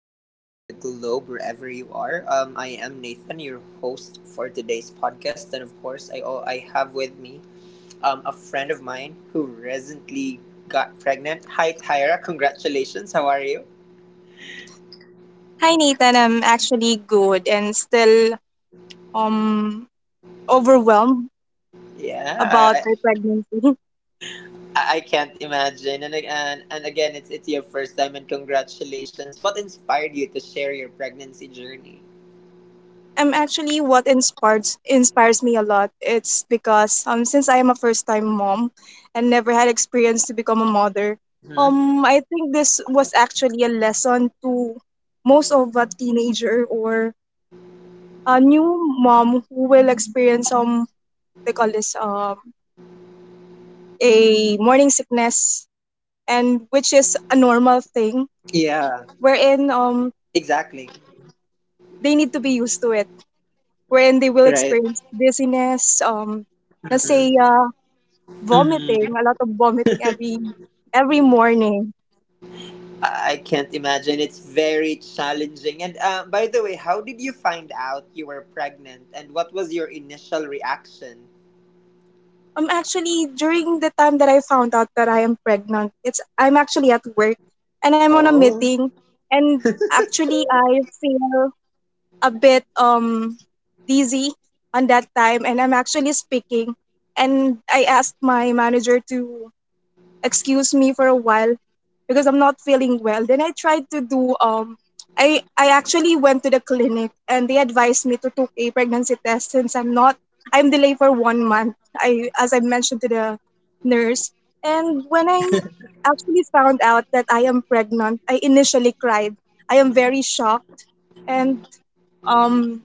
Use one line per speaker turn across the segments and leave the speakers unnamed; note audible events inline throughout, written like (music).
anyone around the globe, wherever you are. I am Nathan, your host for today's podcast, and of course, I have with me a friend of mine who recently got pregnant. Hi, Tyra. Congratulations. How are you?
Hi Nathan, I'm actually good and still um overwhelmed
Yeah,
about
I,
my pregnancy.
I I can't imagine. And, ag- and again, it's your first time, and congratulations. What inspired you to share your pregnancy journey?
(laughs) I'm actually what inspires me a lot. It's because since I am a first time mom and never had experience to become a mother,
Hmm.
I think this was actually a lesson to most of a teenager or a new mom who will experience they call this a morning sickness, and which is a normal thing
Yeah,
wherein
exactly.
they need to be used to it, wherein they will
Right.
experience dizziness, let's
Hmm.
say
Hmm.
vomiting, a lot of vomiting every morning.
I can't imagine. It's very challenging. And by the way, how did you find out you were pregnant? And what was your initial reaction?
Actually, during the time that I found out that I am pregnant, it's I'm actually at work and I'm on a
Oh.
meeting, and actually I feel a bit dizzy on that time, and I'm actually speaking, and I asked my manager to excuse me for a while because I'm not feeling well. Then I tried to do I actually went to the clinic and they advised me to take a pregnancy test since I'm not I'm delayed for 1 month. I as I mentioned to the nurse. And when I actually found out that I am pregnant, I initially cried. I am very shocked, and um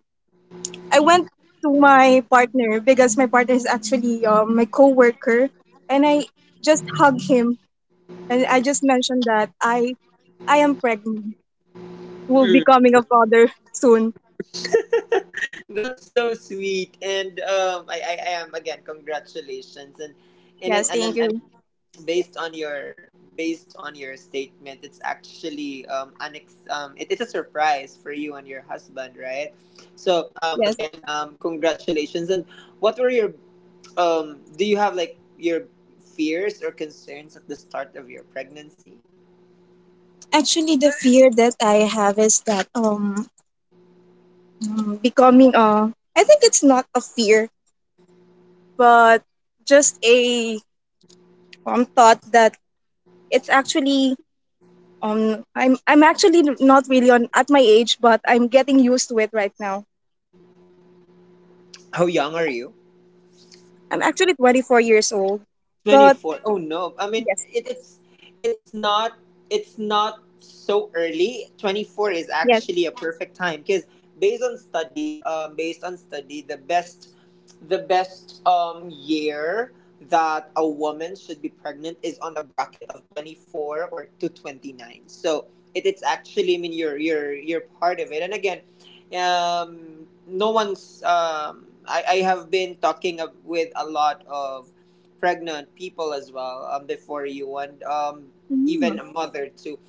I went to my partner because my partner is actually my coworker, and I just hugged him and I just mentioned that I am pregnant. Will be coming a father (laughs) soon.
That's so sweet, and I am again. Congratulations, and it-
Yes, thank
and
you.
based on your statement, it's actually, it's a surprise for you and your husband, right? So,
Yes.
again, congratulations. And what were your? Do you have like your fears or concerns at the start of your pregnancy?
Actually the fear that I have is that becoming a I think it's not a fear, but just a thought that it's actually I'm actually not really on at my age, but I'm getting used to it right now.
How young are you?
I'm actually 24 years old. But
24. Oh, no, I mean,
yes,
it's not it's not so early. 24 is
yes.
actually a perfect time, because based on study, based on study, the best year that a woman should be pregnant is on a bracket of 24 or to 29. So it's actually, I mean, you're part of it, and again, no one's, I have been with a lot of pregnant people as well, before you, and even
Mm,
a mother too.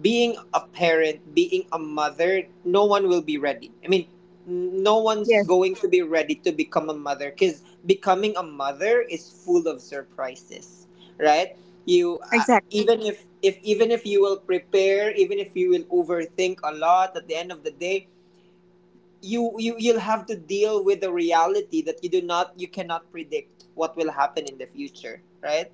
Being a parent, being a mother, no one will be ready. I mean, no one's
yes,
going to be ready to become a mother, because becoming a mother is full of surprises, right? You
exactly.
Even if you will prepare, even if you will overthink a lot, at the end of the day, you'll have to deal with the reality that you do not you cannot predict what will happen in the future, right?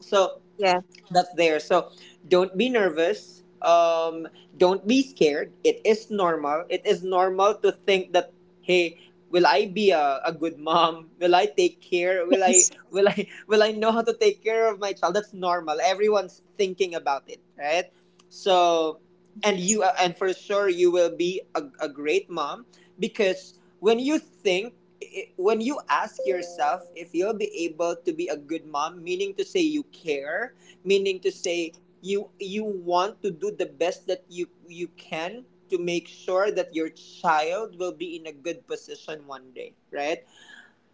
So
Yeah.
that's there. So don't be nervous. Don't be scared. It is normal. It is normal to think that, hey, will I be a good mom? Will I take care? Will
Yes.
I will I (laughs) will I know how to take care of my child? That's normal. Everyone's thinking about it, right? So and you and for sure you will be a great mom, because when you think, when you ask yourself if you'll be able to be a good mom, meaning to say you care, meaning to say you want to do the best that you can, to make sure that your child will be in a good position one day, right?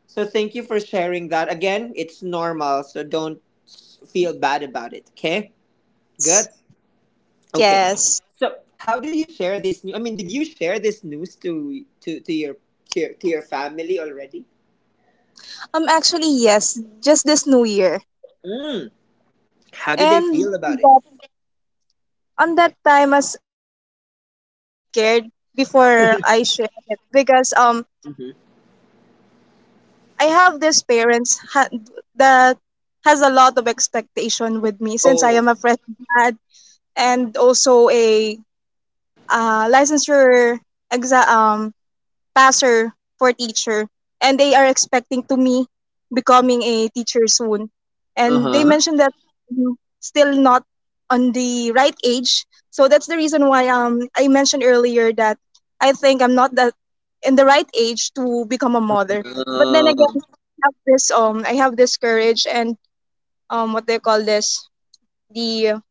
So thank you for sharing that. Again, it's normal, so don't feel bad about it, okay? Good. Okay.
Yes.
So, how did you share this? I mean, did you share this news to your family already?
Actually yes, just this new year.
How did they
And
feel about it?
that, on that time as I am very scared before I share it because
Hmm.
I have this parents ha- that has a lot of expectation with me since I
Oh.
am a fresh grad and also a licensure exam passer for teacher, and they are expecting to me becoming a teacher soon,
Uh
and they
huh.
mentioned that I'm still not on the right age. So that's the reason why I mentioned earlier that I think I'm not that in the right age to become a mother. But then
Uh,
again I have this I have this courage and what they call this the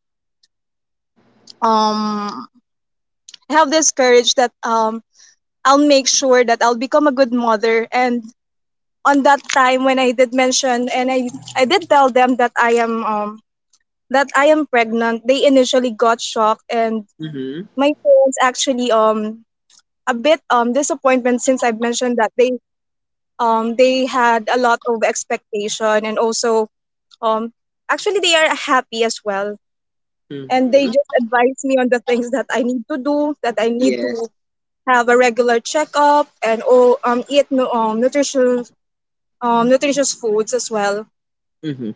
um I have this courage that I'll make sure that I'll become a good mother. And on that time when I did mention and I did tell them that I am pregnant, they initially got shocked, and
mhm.
my parents actually a bit disappointment since I've mentioned that they had a lot of expectation, and also um actually they are happy as well, and they
Mhm.
just advise me on the things that I need to do, that I need
Yes.
to have a regular checkup and oh eat nu- nutritious nutritious foods as well.
Mhm.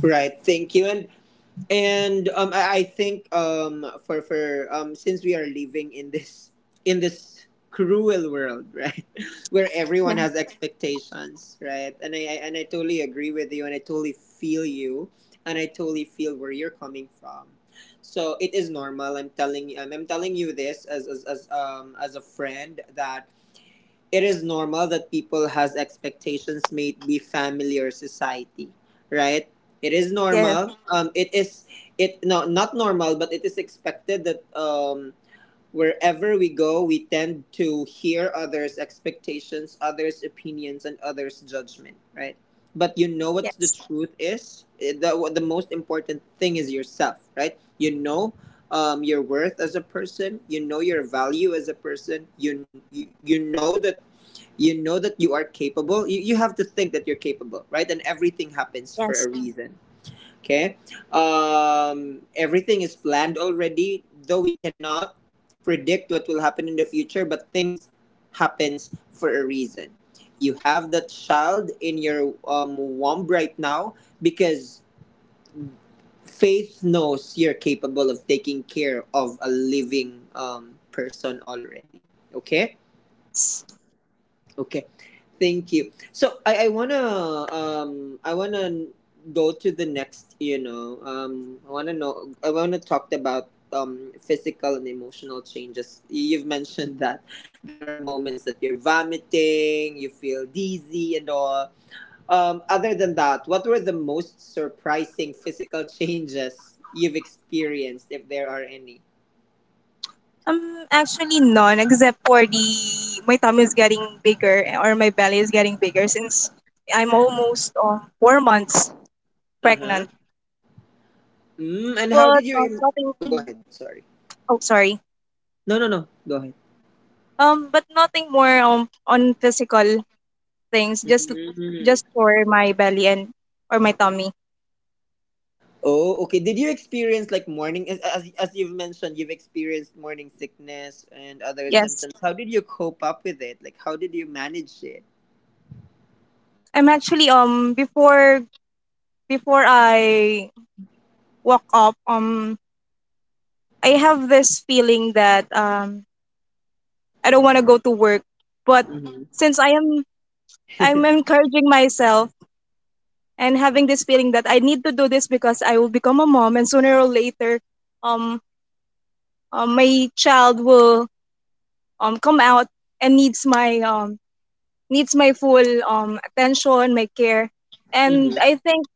Right. Thank you. And I think, for since we are living in this cruel world, right, (laughs) where
Yeah.
everyone has expectations, right, and I totally agree with you, and I totally feel you, and I totally feel where you're coming from. So it is normal. I'm telling you this as as a friend, that it is normal that people has expectations, made be family or society, right? It is
Yes.
normal, it is, it no, not normal, but it is expected that, wherever we go, we tend to hear others expectations, others opinions, and others judgment, right? But you know what the
Yes.
truth is. What the most important thing is yourself, right. Your worth as a person, your value as a person. You know that you are capable. You have to think that you're capable, right? And everything happens for
Yes.
a reason, okay? Everything is planned already, though we cannot predict what will happen in the future, but things happens for a reason. You have that child in your, womb right now, because faith knows you're capable of taking care of a living, person already, okay? Okay, thank you. So I wanna go to the next. You know, I wanna talk about, physical and emotional changes. You've mentioned that there are moments that you're vomiting, you feel dizzy and all. Other than that, what were the most surprising physical changes you've experienced, if there are any?
Actually none, except for the my tummy is getting bigger or my belly is getting bigger since I'm almost 4 months
Uh huh.
pregnant.
Mm, and how did
But
your oh, go
nothing.
ahead? Sorry.
Oh, sorry.
No, no, no. Go ahead.
But nothing more on physical things.
Hmm.
Just for my belly and or my tummy.
Oh, okay. Did you experience like morning as you've mentioned, you've experienced morning sickness and other
Yes.
symptoms. How did you cope up with it? Like how did you manage it?
I'm actually before before I walk up I have this feeling that I don't want to go to work. But
Mhm.
since I'm encouraging myself and having this feeling that I need to do this because I will become a mom, and sooner or later um, my child will come out and needs my full attention, my care.
Mhm.
And I think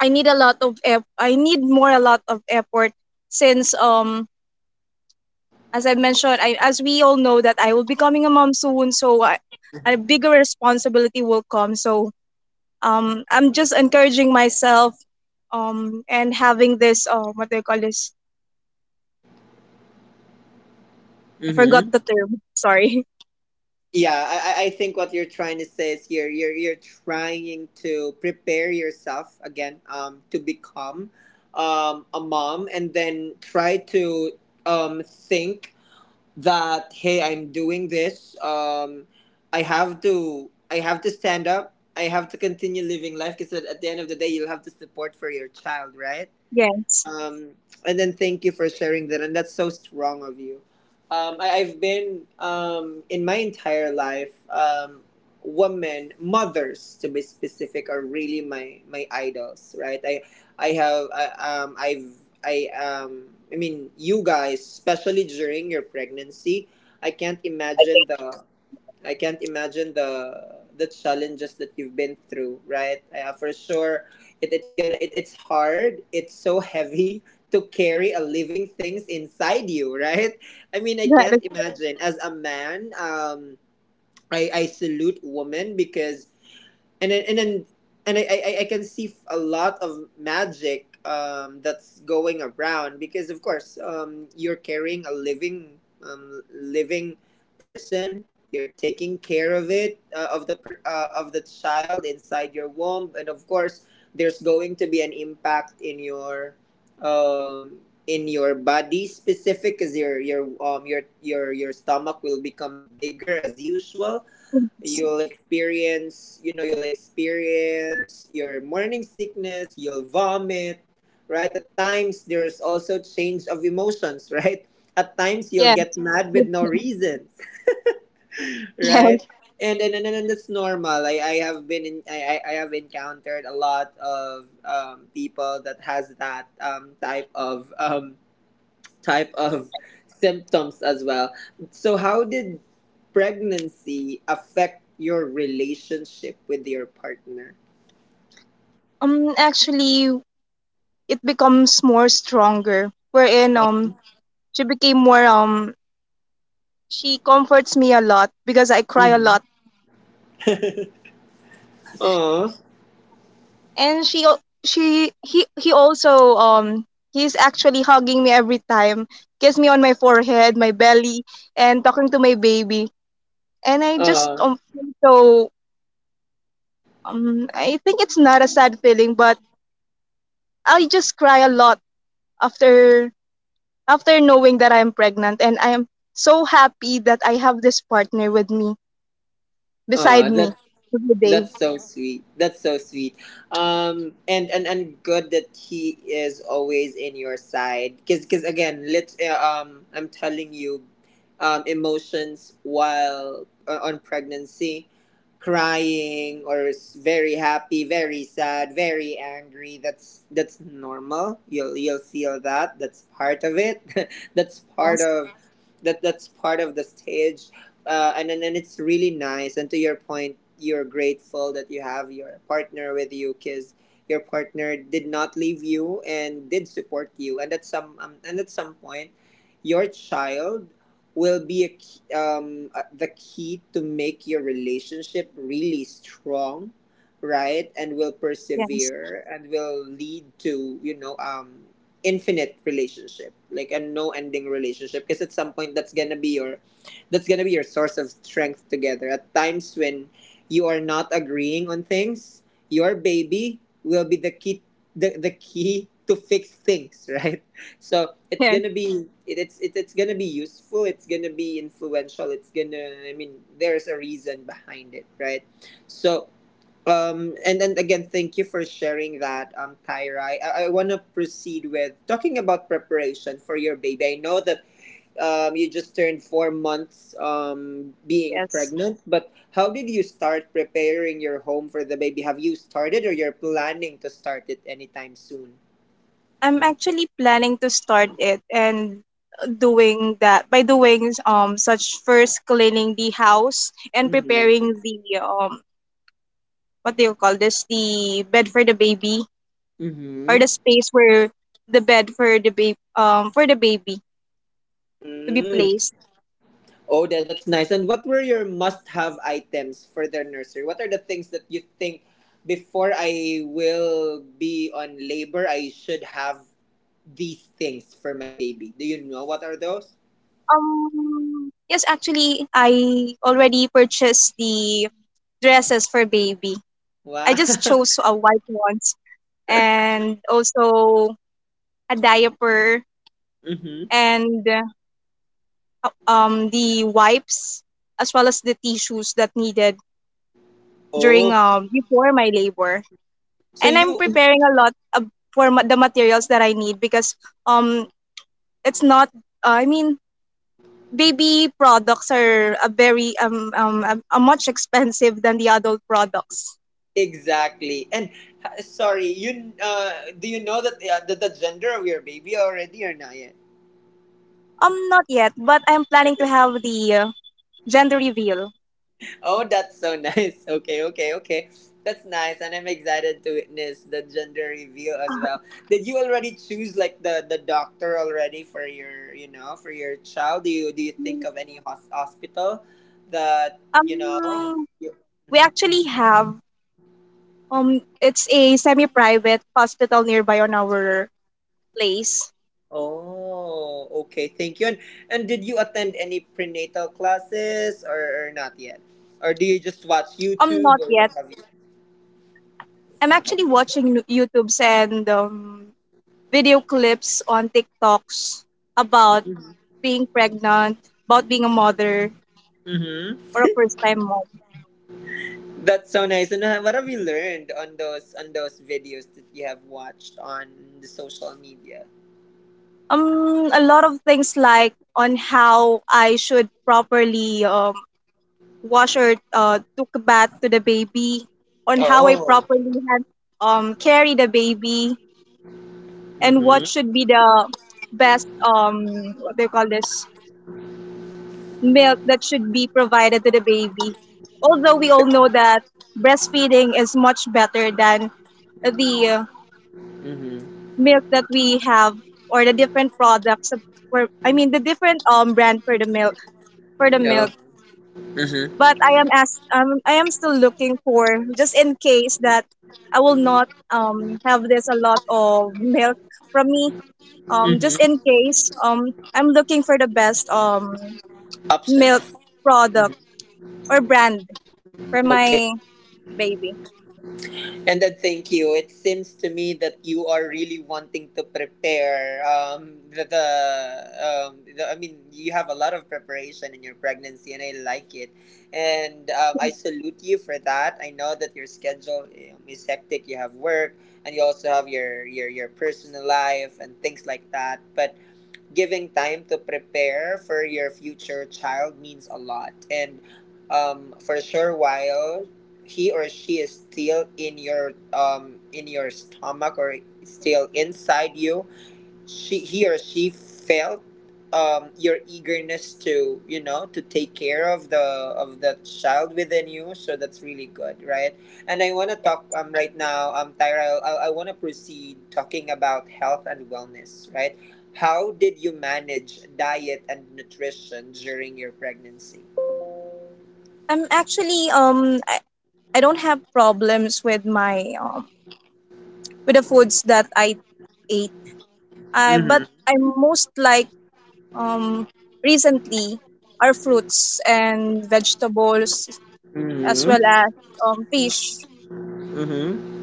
I need a lot of eff- I need more a lot of effort since as I mentioned, I, as we all know that I will be becoming a mom soon, so I, a
Mhm.
bigger responsibility will come. So I'm just encouraging myself and having this, what do you call this? I forgot
Mhm.
the term. Sorry. (laughs)
Yeah, I think what you're trying to say is, here you're trying to prepare yourself again, to become, a mom, and then try to, think that, hey, I'm doing this, I have to stand up, I have to continue living life, because at the end of the day you'll have to support for your child, right?
Yes.
um, and then thank you for sharing that. And that's so strong of you. I, I've been in my entire life, women, mothers to be specific, are really my idols, right? I have I, I've I mean, you guys, especially during your pregnancy, I can't imagine the I can't imagine the challenges that you've been through, right? For sure, it's hard. It's so heavy (laughs) to carry a living things inside you, right? I mean, I
That
can't imagine as a man. I salute women, because and then and then and I can see a lot of magic, that's going around, because of course, you're carrying a living, living person. You're taking care of it, of the child inside your womb. And of course there's going to be an impact in your, um in your body specific, because your stomach will become bigger as usual.
is,
You'll experience your morning sickness. You'll vomit, right? At times there's also change of emotions, (laughs) right? At times you'll
yeah.
get mad with no reasons, (laughs)
Yeah.
right? And that's normal. I have encountered a lot of, people that has that, type of, type of (laughs) symptoms as well. So, how did pregnancy affect your relationship with your partner?
Actually, it becomes more stronger. Wherein she became more she comforts me a lot because I cry a lot,
Oh,
and she al- she he also he's actually hugging me every time, kiss me on my forehead, my belly, and talking to my baby, and I just
oh,
feel so I think it's not a sad feeling, but I just cry a lot after after knowing that I'm pregnant, and I am so happy that I have this partner with me beside
oh,
me every day.
that's so sweet. That's so sweet. And and good that he is always in your side. 'Cause again, let I'm telling you, emotions while, on pregnancy, crying or very happy, very sad, very angry. That's normal. You'll feel that. That's part of it. (laughs) that's part
Yes,
of that. That's part of the stage, and it's really nice. And to your point, you're grateful that you have your partner with you, because your partner did not leave you and did support you. And at some, and at some point, your child will be the key to make your relationship really strong, right? And will
yes,
persevere and will lead to, infinite relationship, like a no ending relationship, because at some point that's gonna be your source of strength together. At times when you are not agreeing on things, your baby will be the key, the key to fix things, (laughs) right? So it's
yes,
gonna be it, it's it, it's gonna be useful. It's gonna be influential. It's gonna I mean there's a reason behind it, right? So, and then again thank you for sharing that, Tyra. I want to proceed with talking about preparation for your baby. I know that, you just turned 4 months, being
yes.
pregnant, but how did you start preparing your home for the baby? Have you started, or you're planning to start it anytime soon?
I'm actually planning to start it and doing that by doing such first cleaning the house and
Mm-hmm.
preparing the what do you call this the bed for the baby or
Mm-hmm.
the space where the bed for the baby to be
Mm.
placed.
Oh, that's nice. And what were your must-have items for the nursery? What are the things that you think, before I will be on labor, I should have these things for my baby? Do you know what are those?
Yes, actually I already purchased the dresses for baby. I just
Wow.
chose a
(laughs)
white ones, and also a diaper
Mm-hmm.
and the wipes, as well as the tissues that needed during
Oh,
before my labor.
so
And I'm
you.
preparing a lot of for ma- the materials that I need because um it's not Uh, i mean baby products are a very a much expensive than the adult products.
Exactly. And sorry, you do you know that, the gender of your baby already, or not yet?
Not yet, but I'm planning to have
Not
the
yet.
gender reveal.
Oh, that's so nice. (laughs) Okay, okay, okay. That's nice, and I'm excited to witness the gender reveal as
Uh,
well. Did you already choose like the doctor already for your for your child? Do you think of any hospital that you know?
um
You,
we
Mhm.
actually have it's a semi-private hospital nearby on our place.
Oh, okay. Thank you. And did you attend any prenatal classes or not yet? Or do you just watch
Not
YouTube or
yet.
what have you?
I'm actually
Okay.
watching nu- YouTube's and video clips on TikToks about being pregnant, about being a mother
Mm-hmm.
or a first time mom?
That's so nice. And what have you learned on those videos that you have watched on the social media?
A lot of things like on how I should properly wash or took a bath to the baby, on how I
Oh.
properly had, carry the baby, and what
Mm-hmm.
should be the best what do you call this milk that should be provided to the baby. Although we all know that breastfeeding is much better than the
Mm-hmm.
milk that we have or the different products of- for I mean the different brand for the milk for the
Yeah.
milk.
Mm-hmm.
But I am as I am still looking for just in case that I will not have this a lot of milk from me. Just in
Mm-hmm.
case I'm looking for the best milk
Options. Mhm.
product or brand for my baby.
And then thank you. It seems to me that you are really wanting to prepare. You have a lot of preparation in your pregnancy, and I like it. And I salute you for that. I know that your schedule is hectic. You have work, and you also have your your personal life and things like that. But giving time to prepare for your future child means a lot. And for sure, while he or she is still in your stomach or still inside you, she he or she felt your eagerness to to take care of the child within you, so that's really good, right? And I want to talk right now, Tyrell, I want to proceed talking about health and wellness, right? How did you manage diet and nutrition during your pregnancy?
I'm actually I don't have problems with my with the foods that I ate I but
Mm-hmm.
I most like um recently are fruits and vegetables, as well
Mm-hmm.
as fish.
Mm-hmm.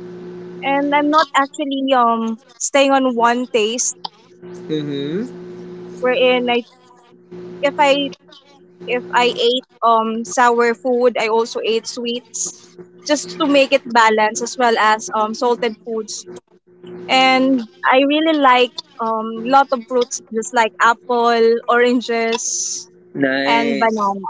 And I'm not actually staying on one taste
Mm-hmm.
wherein I if I if I ate sour food, I also ate sweets just to make it balanced, as well as salted foods. And I really like lot of fruits just like apple, oranges and
Nice.
banana.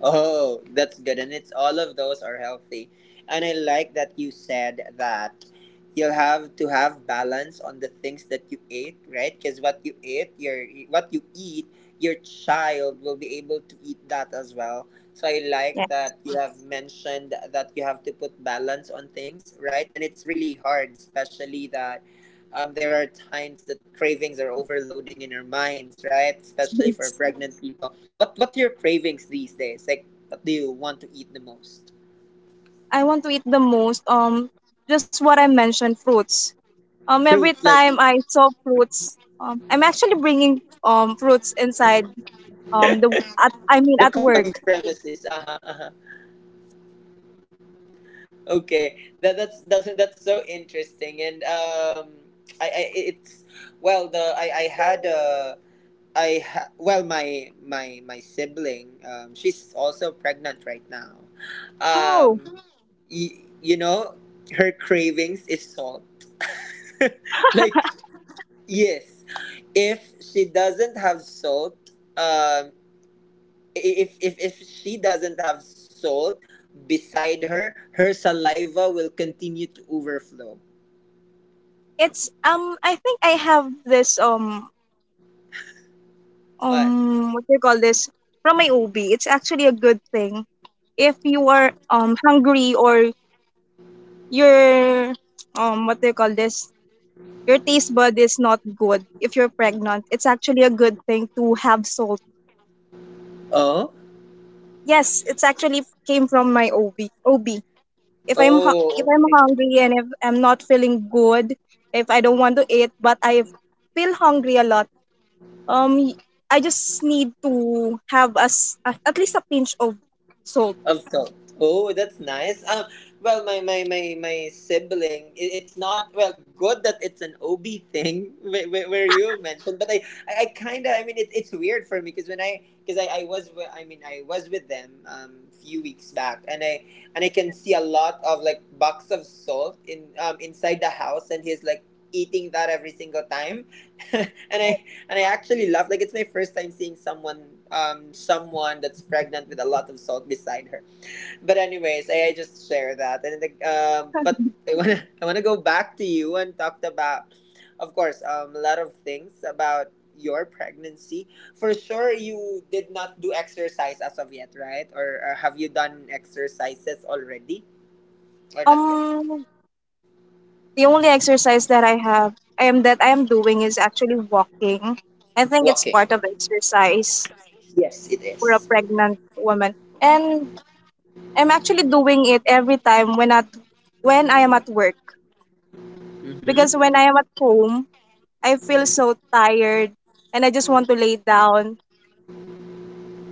Oh, that's good. And it's all of those are healthy. And I like that you said that you'll have to have balance on the things that you ate, right? Because what you eat, your child will be able to eat that as well. So I
Yeah.
like that you have mentioned that you have to put balance on things, right? And it's really hard, especially that there are times that cravings are overloading in our minds, right? Especially for
(laughs)
pregnant people. What's your cravings these days? Like, what do you want to eat the most?
I want to eat the most just what I mentioned fruits.
Fruit,
Every
like
time I saw fruits, I'm actually bringing fruits inside the at I mean
the
at
company's
work.
premises. Uh huh. Uh huh. Okay, that's so interesting, and I it's well the I had a. I ha- well my sibling she's also pregnant right now.
How?
Um, you know, her cravings is salt. (laughs) Like, yes, if she doesn't have salt, um, if she doesn't have salt beside her, her saliva will continue to overflow.
It's I think I have this
What?
what do you call this from my OB. It's actually a good thing if you are hungry or your what do you call this your taste bud is not good. If you're pregnant, it's actually a good thing to have salt.
Oh,
Yes, it's actually came from my OB. OB. If I'm hu- if
oh.
I'm hungry and if I'm not feeling good, if I don't want to eat, but I feel hungry a lot, um, I just need to have as at least a pinch of salt.
Of salt. Oh, that's nice. Well, my sibling, it's not well good that it's an OB thing, (laughs) where, where you mentioned, but I kind of it, it's weird for me because when I because I was wi- I mean I was with them a few weeks back, and I can see a lot of like bucks of salt in inside the house, and he's like eating that every single time (laughs) and I and I actually love like it's my first time seeing someone someone that's pregnant with a lot of salt beside her. But anyways, I just share that. And like but I wanna (laughs) I wanna go back to you and talk about of course a lot of things about your pregnancy. For sure you did not do exercise as of yet, right? Or have you done exercises already or not yet?
Um, the only exercise that I have, I am that I am doing is actually walking. I think it's
Walking.
part of exercise
Yes, it
for a
is.
pregnant woman, and I'm actually doing it every time when at when I am at work.
Mhm.
Because when I am at home, I feel so tired and I just want to lay down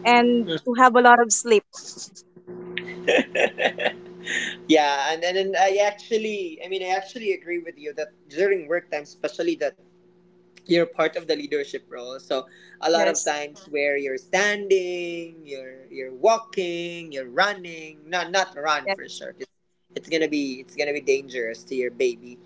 and to have a lot of sleep.
Yeah, and I actually, I mean, I actually agree with you that during work time, especially that you're part of the leadership role. So a lot of
Yes,
times where you're standing, you're walking, you're running. Not not run for
yes,
sure, 'cause it's gonna be dangerous to your baby,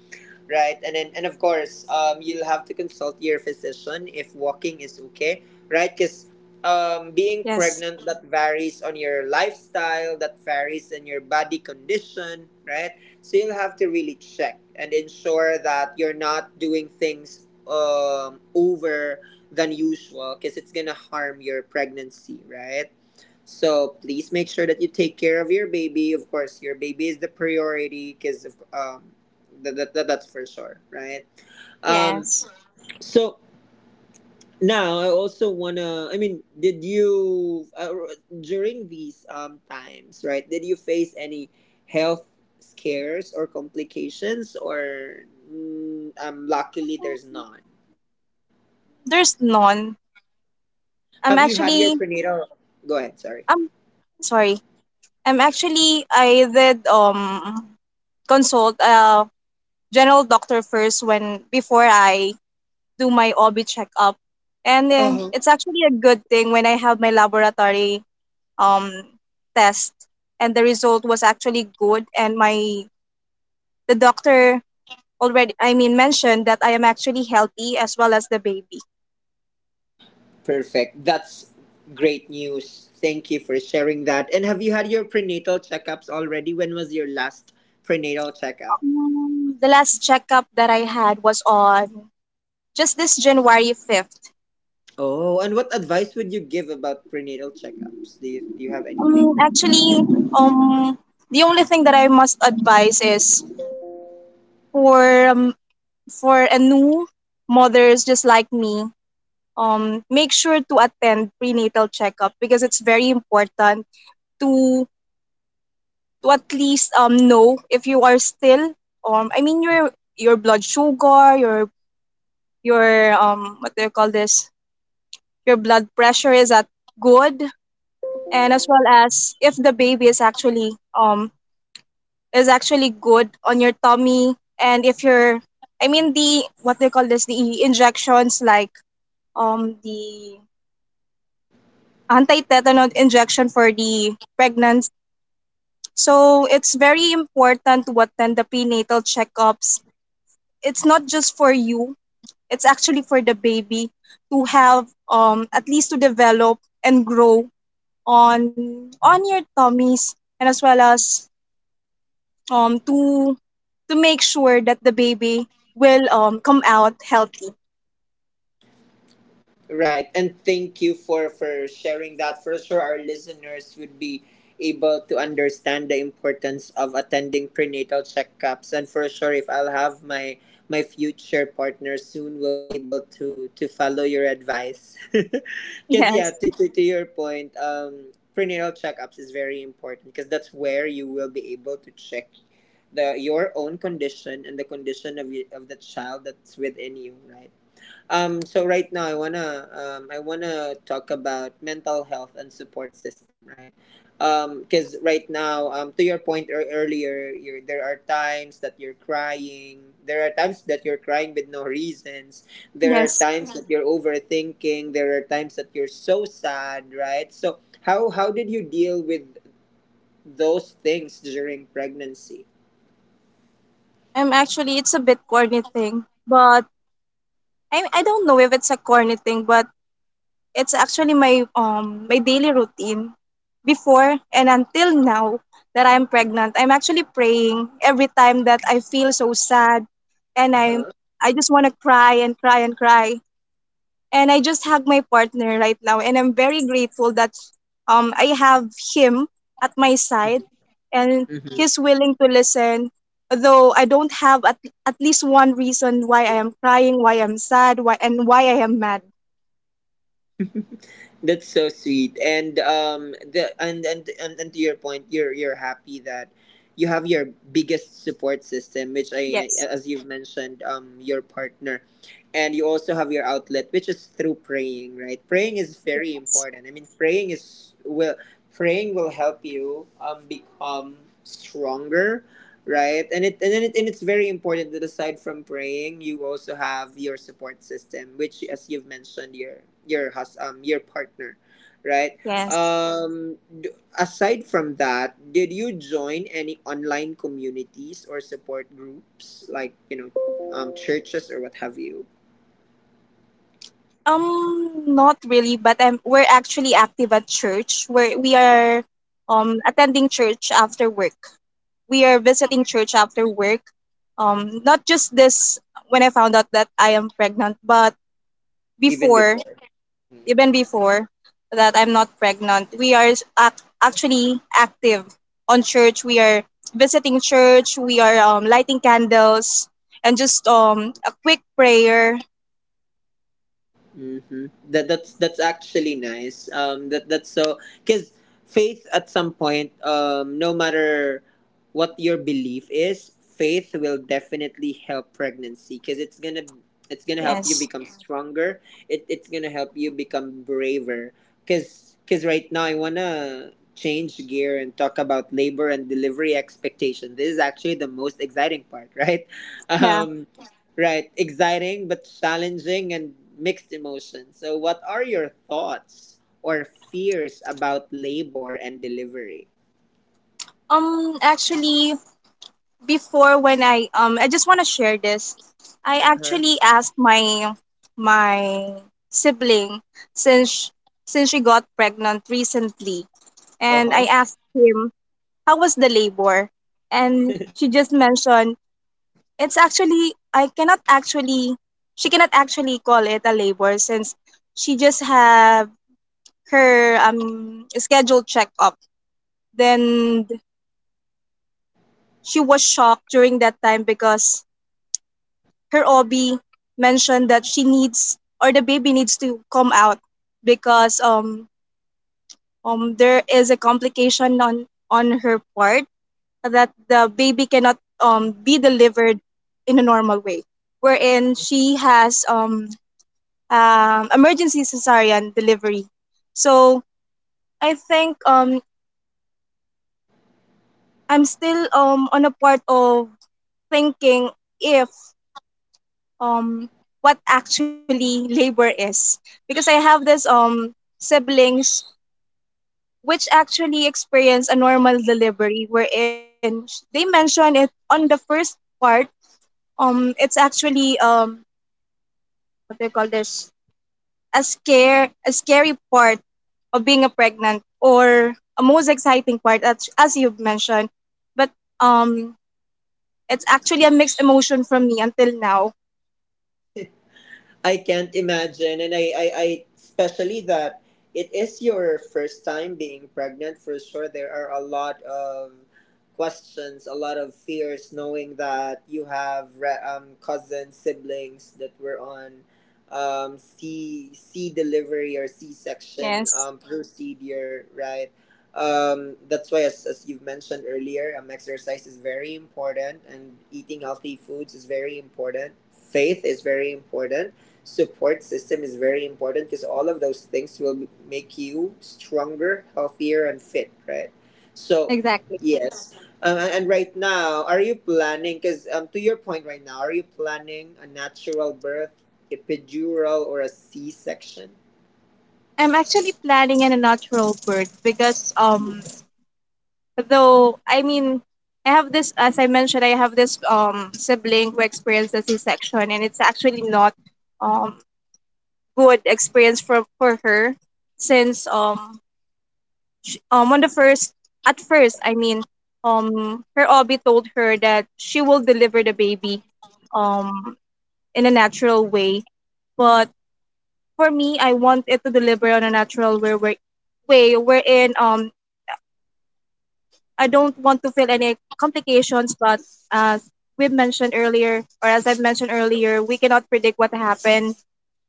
right? And then, and of course, you'll have to consult your physician if walking is okay, right? Because being
yes,
pregnant that varies on your lifestyle, that varies in your body condition, right? So you'll have to really check and ensure that you're not doing things over than usual, because it's gonna harm your pregnancy, right? So please make sure that you take care of your baby. Of course, your baby is the priority because that's for sure, right? um
yes.
so now I also wanna did you during these times, right, did you face any health scares or complications or mm, luckily there's none?
There's none. I'm
Have you had your
actually,
prenatal, go ahead, sorry.
I'm sorry. I'm actually, I did consult a general doctor first when before I do my OB checkup. And
Oh,
it's actually a good thing when I have my laboratory um test, and the result was actually good, and my the doctor already, I mean, mentioned that I am actually healthy, as well as the baby.
perfect, that's great news. Thank you for sharing that. And have you had your prenatal checkups already? When was your last prenatal checkup?
The last checkup that I had was on just this January 5th.
Oh, and what advice would you give about prenatal checkups? Do do you have anything
Um,
that—
actually, um, the only thing that I must advise is for um, for a new mothers just like me. Um, make sure to attend prenatal checkup because it's very important to to at least know if you are still, your blood sugar, your what do you call this your blood pressure is at good, and as well as if the baby is actually is actually good on your tummy, and if you're I mean the what do you call this the injections like the anti-tetanus injection for the pregnant. So it's very important to attend the prenatal checkups. It's not just for you, it's actually for the baby, to have at least to develop and grow on your tummies, and as well as to make sure that the baby will come out healthy.
Right, and thank you for sharing that. For sure, our listeners would be able to understand the importance of attending prenatal checkups, and for sure, if I'll have my my future partner soon, will be able to follow your advice. (laughs) Because yeah,
Yes.
to your point, prenatal checkups is very important because that's where you will be able to check the your own condition and the condition of you, of the child that's within you, right? So right now I wanna talk about mental health and support system, right? Because right now, to your point earlier, there are times that you're crying. There are times that you're crying with no reasons. There are
Yes.
times that you're overthinking. There are times that you're so sad, right? So how did you deal with those things during pregnancy?
I'm actually, it's a bit corny thing, but I don't know if it's a corny thing, but it's actually my my daily routine before and until now that I'm pregnant. I'm actually praying every time that I feel so sad, and I
Uh
I just want to cry and cry and cry. And I just have my partner right now, and I'm very grateful that I have him at my side, and
huh.
he's willing to listen. Though I don't have at least one reason why I am crying, why I'm sad, why and why I am mad.
That's so sweet. And and to your point, you're happy that you have your biggest support system, which
Yes,
as you've mentioned, your partner. And you also have your outlet, which is through praying, right? Praying is very
yes,
important. Praying will help you become stronger, right? and it and then it, And it's very important that aside from praying you also have your support system, which as you've mentioned, your your partner, right?
yes.
um d- Aside from that, did you join any online communities or support groups, like, you know, churches or what have you?
Not really, but we're actually active at church. Where we are attending church after work. We are visiting church after work. Not just this when I found out that I am pregnant, but
Even
before,
before.
even before that I'm not pregnant, we are actually active on church. We are visiting church. We are lighting candles and just a quick prayer.
Mm-hmm. That's actually nice. That that's so Because faith at some point, no matter what your belief is, faith will definitely help pregnancy because it's gonna help you
Yes.
become stronger. It it's gonna help you become braver. Cause right now I wanna change gear and talk about labor and delivery expectation. This is actually the most exciting part, right? (laughs)
Yeah.
Um, right, exciting but challenging and mixed emotions. So, what are your thoughts or fears about labor and delivery?
Actually, before when I just want to share this. I
Uh huh?
actually asked my my sibling, since since she got pregnant recently.
Uh
And I
huh.
asked him how was the labor, and she just mentioned it's actually, I cannot actually, she cannot actually call it a labor, since she just have her scheduled checkup. Then she was shocked during that time because her OB mentioned that she needs, or the baby needs to come out, because there is a complication on her part, that the baby cannot be delivered in a normal way, wherein she has emergency cesarean delivery. So I think I'm still on a part of thinking if um what actually labor is, because I have this siblings which actually experience a normal delivery, wherein they mention it on the first part. It's actually what do you call this a scare, a scary part of being a pregnant, or a most exciting part, as you've mentioned. But um it's actually a mixed emotion from me until now.
I can't imagine, and I, especially that it is your first time being pregnant. For sure, there are a lot of questions, a lot of fears, knowing that you have cousins, siblings that were on C delivery or C section
Yes,
procedure, right? That's why, as you've mentioned earlier, exercise is very important and eating healthy foods is very important. Faith is very important, support system is very important, because all of those things will make you stronger, healthier, and fit, right? So,
exactly.
yes. And right now, are you planning? Because to your point right now, are you planning a natural birth, epidural, or a C section?
I'm actually planning in a natural birth because though I mean I have this, as I mentioned, I have this sibling who experienced a C-section, and it's actually not um good experience for her, since sh on the first, I mean, her OB told her that she will deliver the baby um in a natural way. But for me, I want it to deliver on a natural way where way wherein I don't want to feel any complications. But as we've mentioned earlier, or as I've mentioned earlier, we cannot predict what happened,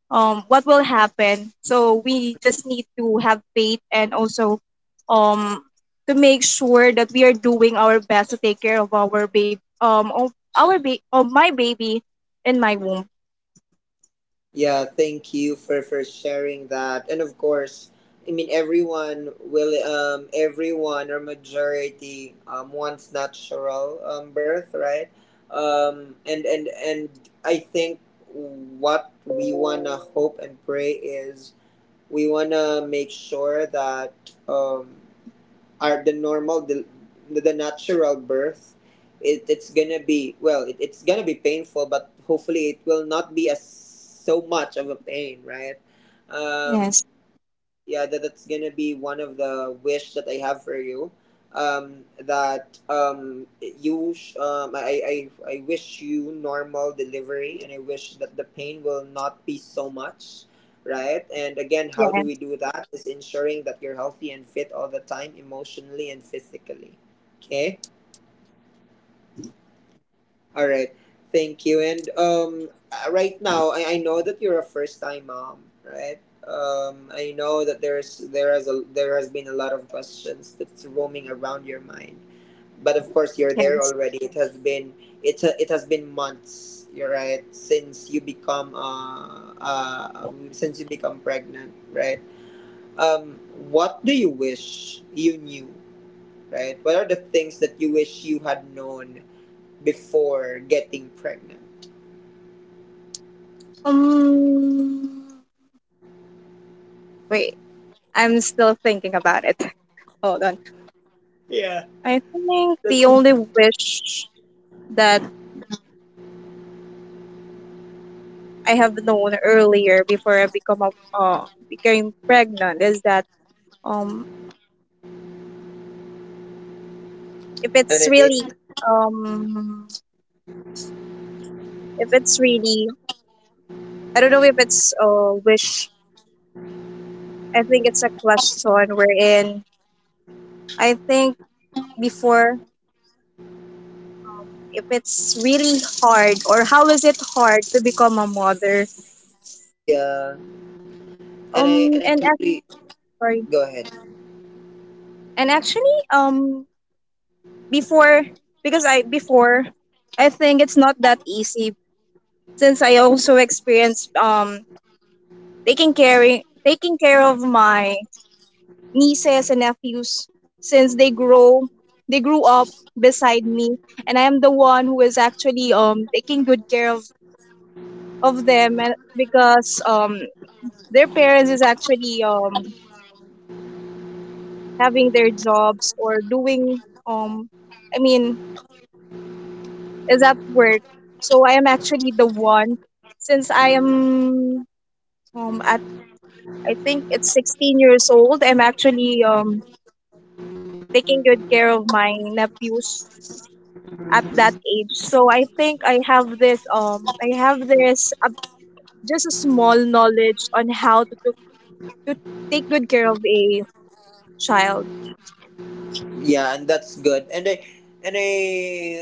what will happen. So we just need to have faith, and also um to make sure that we are doing our best to take care of our baby, of our baby, of my baby in my womb.
Yeah, thank you for sharing that. And of course, I mean everyone will everyone or majority wants natural birth, right? And I think what we wanna hope and pray is we wanna make sure that are the normal the natural birth it, it's gonna be well it, it's gonna be painful but hopefully it will not be as so much of a pain, right? um
Yes,
yeah, that, that's gonna be one of the wish that I have for you. um that um you sh- um I, I I wish you normal delivery and I wish that the pain will not be so much, right? And again, how do we
yes,
do that is ensuring that you're healthy and fit all the time, emotionally and physically. Okay, all right. Thank you. And right now, I know that you're a first-time mom, right? I know that there has been a lot of questions that's roaming around your mind, but of course you're there
yes.
already. It has been it has been months. You're right since you become pregnant, right? Um, what do you wish you knew, right? What are the things that you wish you had known before getting pregnant?
Um, wait, I'm still thinking about it. (laughs) Hold on.
Yeah,
I think
that's
the only wish that I have known earlier before I become a, became pregnant is that um if
and
it's
it
really um if it's really I don't know if it's a wish, I think it's a question, wherein I think before, if it's really hard, or how is it hard to become a mother.
Yeah, and I
um
and I
and ac-
totally
Sorry.
go ahead.
And actually, before, because I before, I think it's not that easy, since I also experienced taking care, taking care of my nieces and nephews, since they grow they grew up beside me. And I am the one who is actually taking good care of them, and because their parents is actually having their jobs, or doing I mean, is at work. So I am actually the one, since I am at I think it's 16 years old, I'm actually taking good care of my nephews at that
Mhm.
age. So I think I have this just a small knowledge on how to, to take good care of a child.
Yeah, and that's good. And I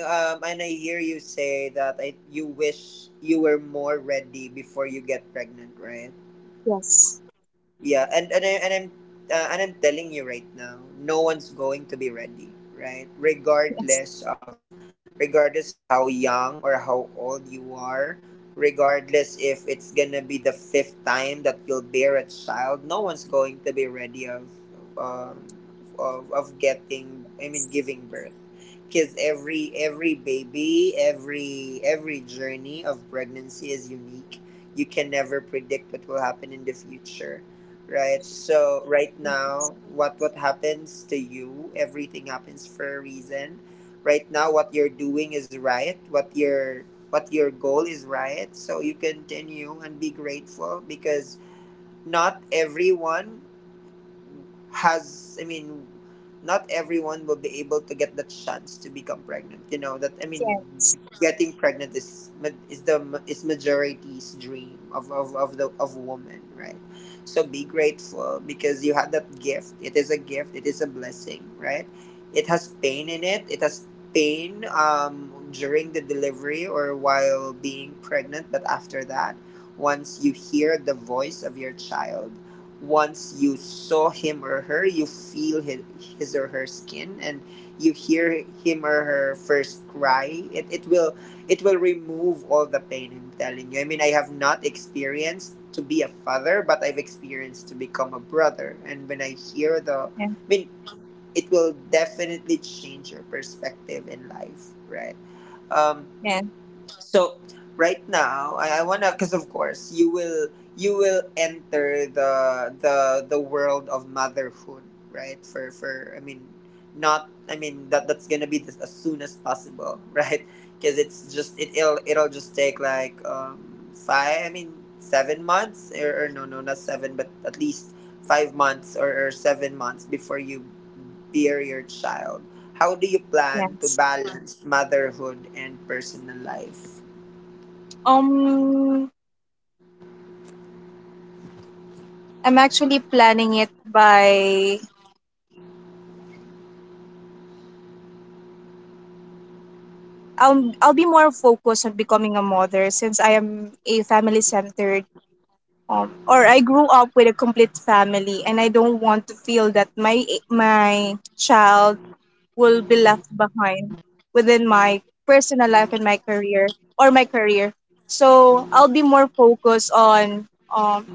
and I hear you say that I you wish you were more ready before you get pregnant, right?
Yes.
Yeah, and I'm telling you right now, no one's going to be ready, right?
Yes.
Regardless of how young or how old you are, regardless if it's gonna be the fifth time that you'll bear a child, no one's going to be ready um, of giving birth. Because every baby, every journey of pregnancy is unique. You can never predict what will happen in the future. Right. So right now, what happens to you, everything happens for a reason. Right now, what you're doing is right. What your goal is right. So you continue and be grateful because not everyone has, I mean, not everyone will be able to get that chance to become pregnant, you know that. I
Yeah.
mean, getting pregnant is majority's dream of woman, right? So be grateful because you have that gift. It is a gift, it is a blessing, right? It has pain in it. It has pain during the delivery or while being pregnant, but after that, once you hear the voice of your child, once you saw him or her, you feel his or her skin, and you hear him or her first cry. It will it will remove all the pain, I'm telling you. I mean, I have not experienced to be a father, but I've experienced to become a brother. And when I hear the,
Yeah.
I mean, it will definitely change your perspective in life, right? Um.
Yeah.
So right now, I wanna, because of course you will, you will enter the the world of motherhood, right? For, I mean, not I mean that that's gonna be the, as soon as possible, (laughs) right? Because it's just it'll just take like five, I mean 7 months or no no not seven but at least 5 months or 7 months before you bear your child. How do you plan to
Yes.
balance motherhood and personal life?
Um, I'm actually planning it by, I'll be more focused on becoming a mother, since I am a family centered, or I grew up with a complete family, and I don't want to feel that my child will be left behind within my personal life and my career, or my career. So I'll be more focused on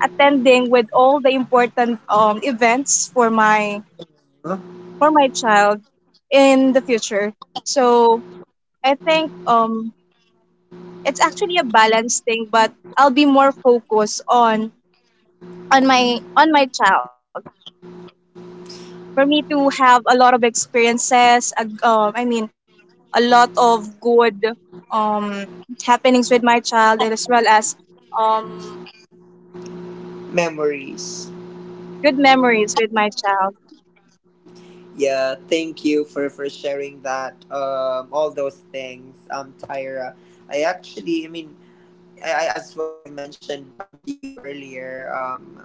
attending with all the important events
Huh?
for my child in the future. So I think it's actually a balanced thing, but I'll be more focused on my child, for me to have a lot of experiences, I mean a lot of good um happenings with my child, and as well as um
Memories.
good memories with my child.
Yeah, thank you for sharing that. All those things. Tyra. I actually, I mean, as what I've mentioned to you earlier,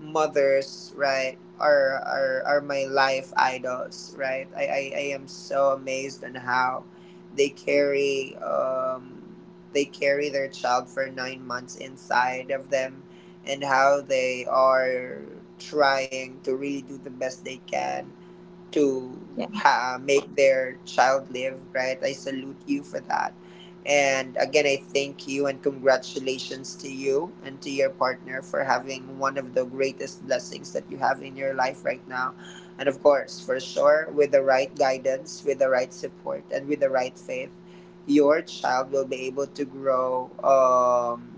mothers, right, are, are my life idols, right? I am so amazed on how they carry their child for 9 months inside of them, and how they are trying to really do the best they can to
Yeah.
make their child live, right? I salute you for that. And again, I thank you and congratulations to you and to your partner for having one of the greatest blessings that you have in your life right now. And of course, for sure, with the right guidance, with the right support, and with the right faith, your child will be able to grow.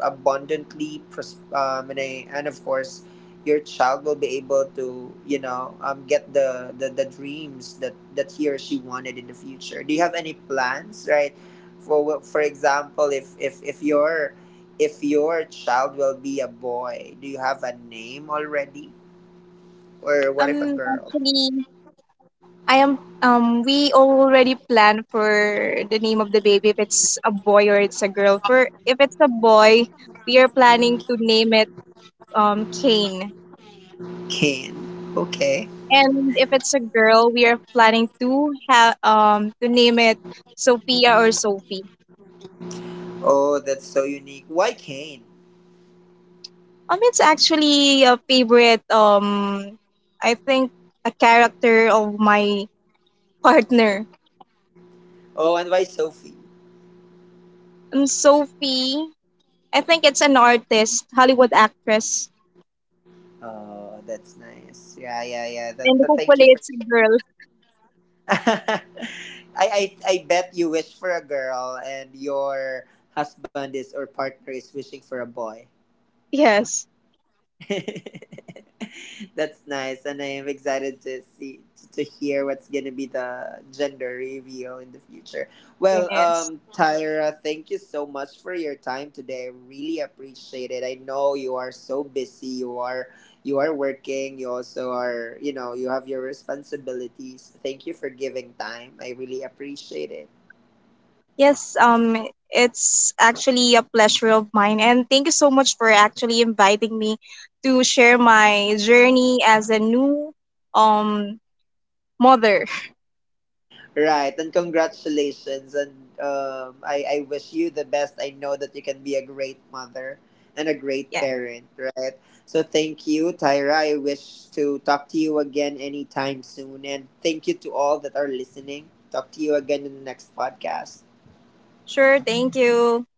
Abundantly pros- and, I, and of course your child will be able to, you know, get the, the dreams that that he or she wanted in the future. Do you have any plans, right, for example if your, if your child will be a boy, do you have a name already, or what if a girl?
actually, I am we already plan for the name of the baby, if it's a boy or it's a girl. For if it's a boy, we are planning to name it Kane.
Kane. Okay.
And if it's a girl, we are planning to have to name it Sophia or Sophie.
Oh, that's so unique, why Kane?
It's actually a favorite. I think a character of my (laughs) partner.
Oh, and why Sophie?
Sophie. I think it's an artist, Hollywood actress,
Oh, that's nice. Yeah, yeah, yeah.
and
Thank you
hopefully
for
it's a
sharing.
girl. (laughs)
(laughs) I bet you wish for a girl and your husband is, or partner is wishing for a boy.
Yes,
(laughs) That's nice, and I am excited to see, to hear what's gonna be the gender reveal in the future. Well,
yes.
Tyra, thank you so much for your time today. I really appreciate it. I know you are so busy. You are working. You also are, you know, you have your responsibilities. Thank you for giving time. I really appreciate it.
Yes, it's actually a pleasure of mine, and thank you so much for actually inviting me to share my journey as a new um mother.
Right, and congratulations, and I wish you the best. I know that you can be a great mother and a great
Yeah,
parent, right? So thank you, Tyra. I wish to talk to you again anytime soon, and thank you to all that are listening. Talk to you again in the next podcast.
sure, thank you.